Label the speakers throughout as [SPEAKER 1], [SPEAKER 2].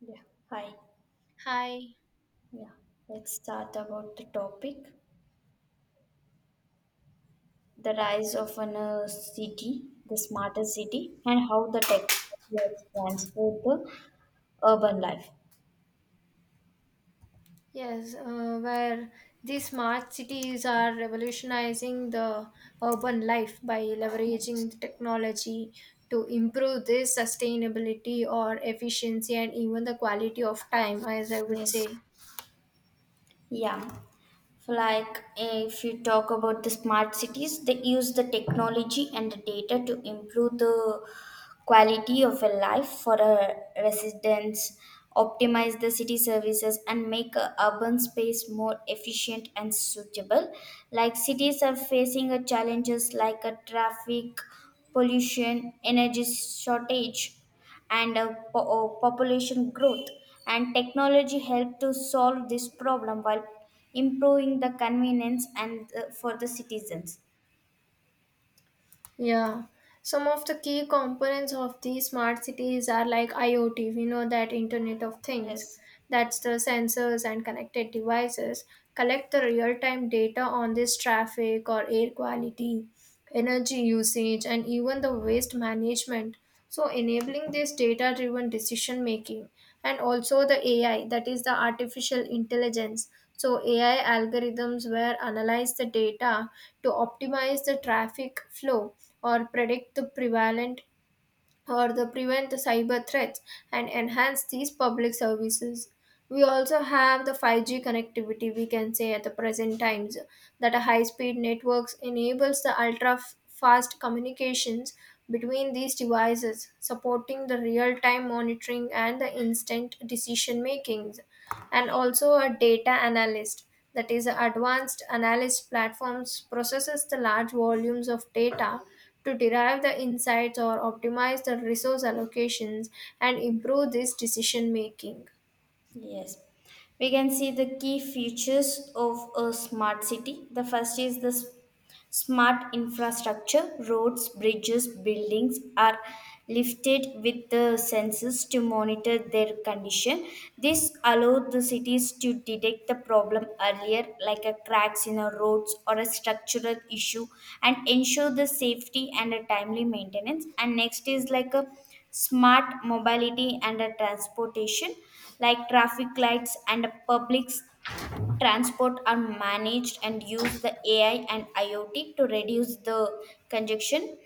[SPEAKER 1] Yeah, hi.
[SPEAKER 2] Hi.
[SPEAKER 1] Yeah, let's start about the topic the rise of an city, the smarter city, and how the technology has transformed the urban life.
[SPEAKER 2] Yes, where these smart cities are revolutionizing the urban life by
[SPEAKER 1] Yes.
[SPEAKER 2] leveraging the technology to improve this sustainability or efficiency and even the quality of time, as I would
[SPEAKER 1] Yes.
[SPEAKER 2] say.
[SPEAKER 1] Yeah. Like if you talk about the smart cities, they use the technology and the data to improve the quality of a life for a residents, optimize the city services, and make a urban space more efficient and suitable. Like cities are facing a challenges like a traffic, pollution, energy shortage and population growth and technology help to solve this problem while improving the convenience and for the citizens.
[SPEAKER 2] Yeah. Some of the key components of these smart cities are like IoT, we know, that Internet of Things,
[SPEAKER 1] Yes.
[SPEAKER 2] that's the sensors and connected devices, collect the real time data on this traffic or air quality, energy usage, and even the waste management. So, enabling this data driven decision making, and also the AI, that is the artificial intelligence. So, AI algorithms where analyze the data to optimize the traffic flow or predict the prevalent or the prevent the cyber threats and enhance these public services. We also have the 5G connectivity, we can say, at the present times, that a high speed networks enables the fast communications between these devices, supporting the real time monitoring and the instant decision makings, and also a data analyst, that is advanced analyst platforms processes the large volumes of data to derive the insights or optimize the resource allocations and improve this decision making.
[SPEAKER 1] Yes, we can see the key features of a smart city. The first is this smart infrastructure. Roads, bridges, buildings are lifted with the sensors to monitor their condition. This allows the cities to detect the problem earlier, like a cracks in a roads or a structural issue, and ensure the safety and a timely maintenance. And next is like a smart mobility and a transportation, like traffic lights and a public transport are managed and use the AI and IoT to reduce the congestion.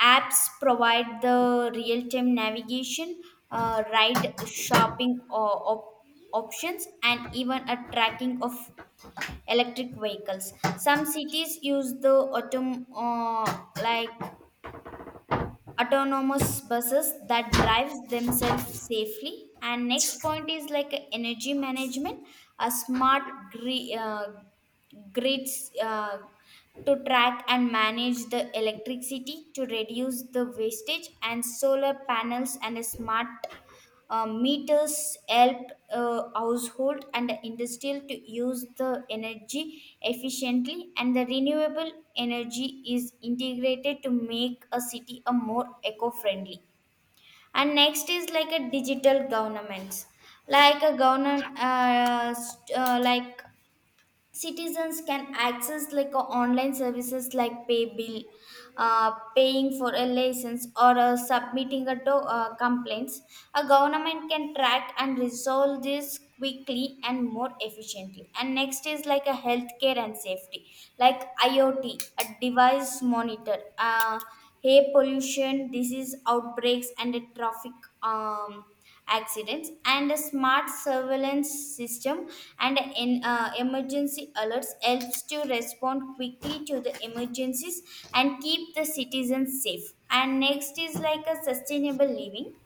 [SPEAKER 1] Apps provide the real time navigation, ride shopping or options, and even a tracking of electric vehicles. Some cities use the like autonomous buses that drives themselves safely. And next point is like energy management, a smart gri- uh, grids to track and manage the electricity to reduce the wastage, and solar panels and a smart meters help household and industrial to use the energy efficiently, and the renewable energy is integrated to make a city a more eco-friendly. And next is like a digital governments, like a government like citizens can access like a online services like pay bill, uh, paying for a license or submitting a complaints. A government can track and resolve this quickly and more efficiently. And next is like a healthcare and safety, like IoT a device monitor air pollution, disease outbreaks, and traffic um, accidents, and a smart surveillance system and an emergency alerts helps to respond quickly to the emergencies and keep the citizens safe. And next is like a sustainable living,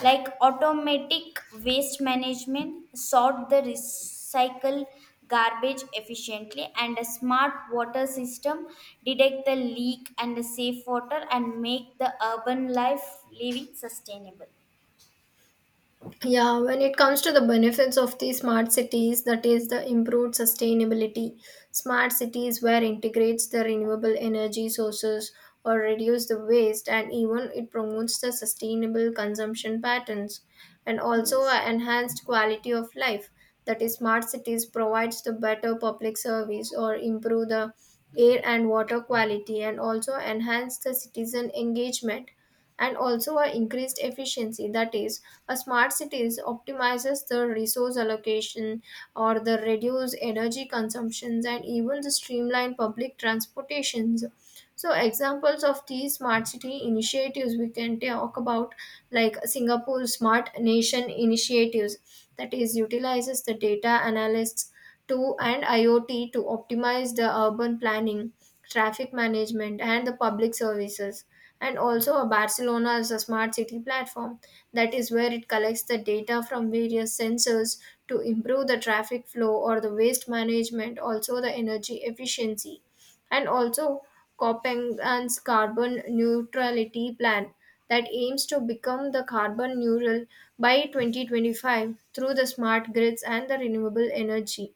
[SPEAKER 1] like automatic waste management sort the recycle garbage efficiently, and a smart water system detect the leak and the safe water and make the urban life living sustainable.
[SPEAKER 2] Yeah, when it comes to the benefits of the smart cities, that is the improved sustainability. Smart cities where integrates the renewable energy sources or reduce the waste and even it promotes the sustainable consumption patterns, and also
[SPEAKER 1] Yes.
[SPEAKER 2] a enhanced quality of life. That is, smart cities provides the better public service or improve the air and water quality and also enhance the citizen engagement, and also a increased efficiency, that is a smart cities optimizes the resource allocation or the reduce energy consumptions and even the streamline public transportations. So examples of these smart city initiatives we can talk about, like Singapore smart nation initiatives, that is utilizes the data analysts to, and IoT, to optimize the urban planning, traffic management and the public services. And also Barcelona is a smart city platform, that is where it collects the data from various sensors to improve the traffic flow or the waste management, also the energy efficiency. And also Copenhagen's carbon neutrality plan that aims to become the carbon neutral by 2025 through the smart grids and the renewable energy.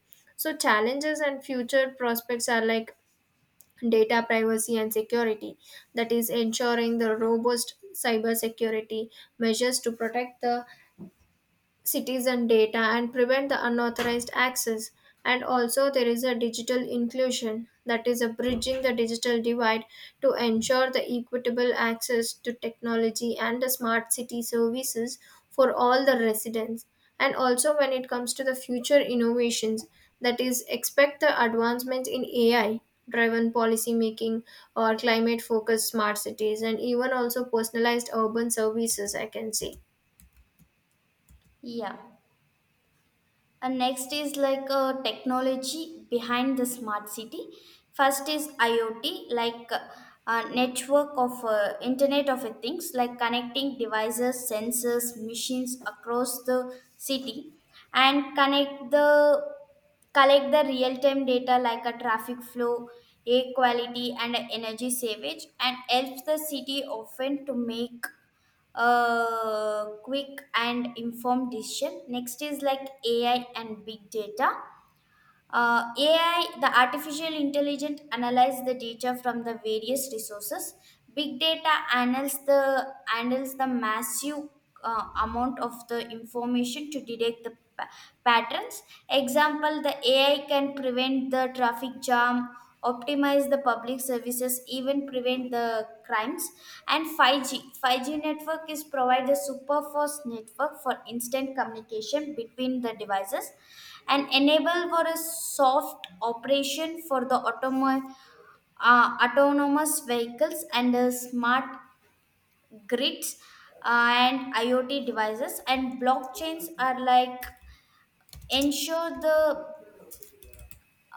[SPEAKER 2] So challenges and future prospects are like data privacy and security, that is ensuring the robust cybersecurity measures to protect the citizen data and prevent the unauthorized access. And also there is a digital inclusion, that is a bridging the digital divide to ensure the equitable access to technology and the smart city services for all the residents. And also when it comes to the future innovations, that is expect the advancements in AI driven policy making or climate focused smart cities and even also personalized urban services, I can say.
[SPEAKER 1] Yeah. And next is like a technology behind the smart city. First is IoT, like a network of Internet of a Things, like connecting devices, sensors, machines across the city, and connect the collect the real time data like a traffic flow, air quality, and energy savage, and helps the city often to make a quick and informed decision. Next is like AI and big data. AI, the artificial intelligence, analyze the data from the various resources. Big data analyze the handles the massive amount of the information to detect the pa- patterns. Example: the AI can prevent the traffic jam, optimize the public services, even prevent the crimes. And 5G, 5G network is provide the super fast network for instant communication between the devices and enable for a soft operation for the autonomous vehicles and smart grids, and IoT devices, and blockchains are like ensure the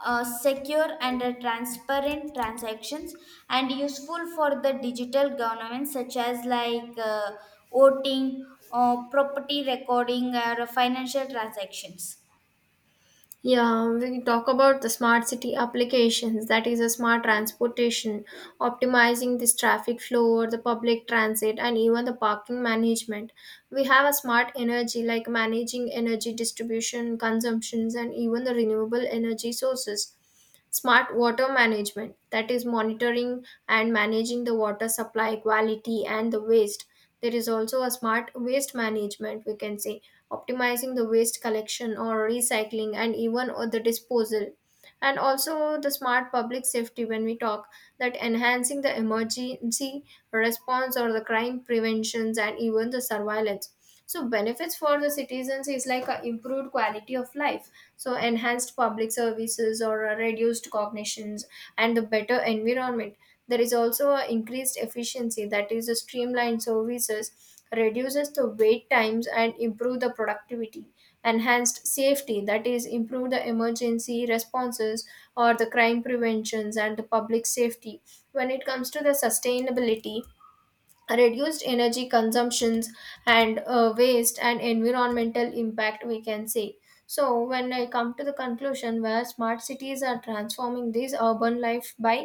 [SPEAKER 1] secure and transparent transactions and useful for the digital governance such as like voting or property recording or financial transactions.
[SPEAKER 2] Yeah, we talk about the smart city applications, that is a smart transportation, optimizing this traffic flow or the public transit and even the parking management. We have a smart energy, like managing energy distribution, consumptions and even the renewable energy sources. Smart water management, that is monitoring and managing the water supply quality and the waste. There is also a smart waste management, we can say, optimizing the waste collection or recycling and even or the disposal. And also the smart public safety, when we talk, that enhancing the emergency response or the crime preventions and even the surveillance. So benefits for the citizens is like a improved quality of life, so enhanced public services or reduced cognitions and the better environment. There is also a increased efficiency, that is a streamlined services, reduces the wait times and improve the productivity. Enhanced safety, that is improve the emergency responses or the crime preventions and the public safety. When it comes to the sustainability, reduced energy consumptions and waste and environmental impact, we can say. So when I come to the conclusion, where smart cities are transforming this urban life by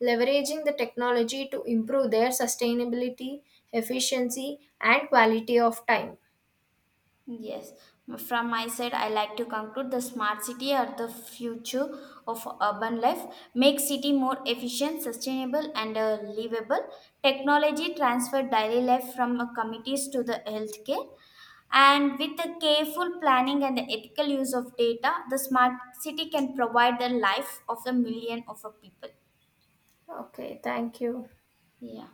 [SPEAKER 2] leveraging the technology to improve their sustainability, efficiency and quality of time.
[SPEAKER 1] Yes, from my side, I like to conclude the smart city are the future of urban life. Make city more efficient, sustainable, and livable. Technology transfer daily life from committees to the healthcare. And with the careful planning and the ethical use of data, the smart city can provide the life of the million of a people.
[SPEAKER 2] Okay, thank you.
[SPEAKER 1] Yeah.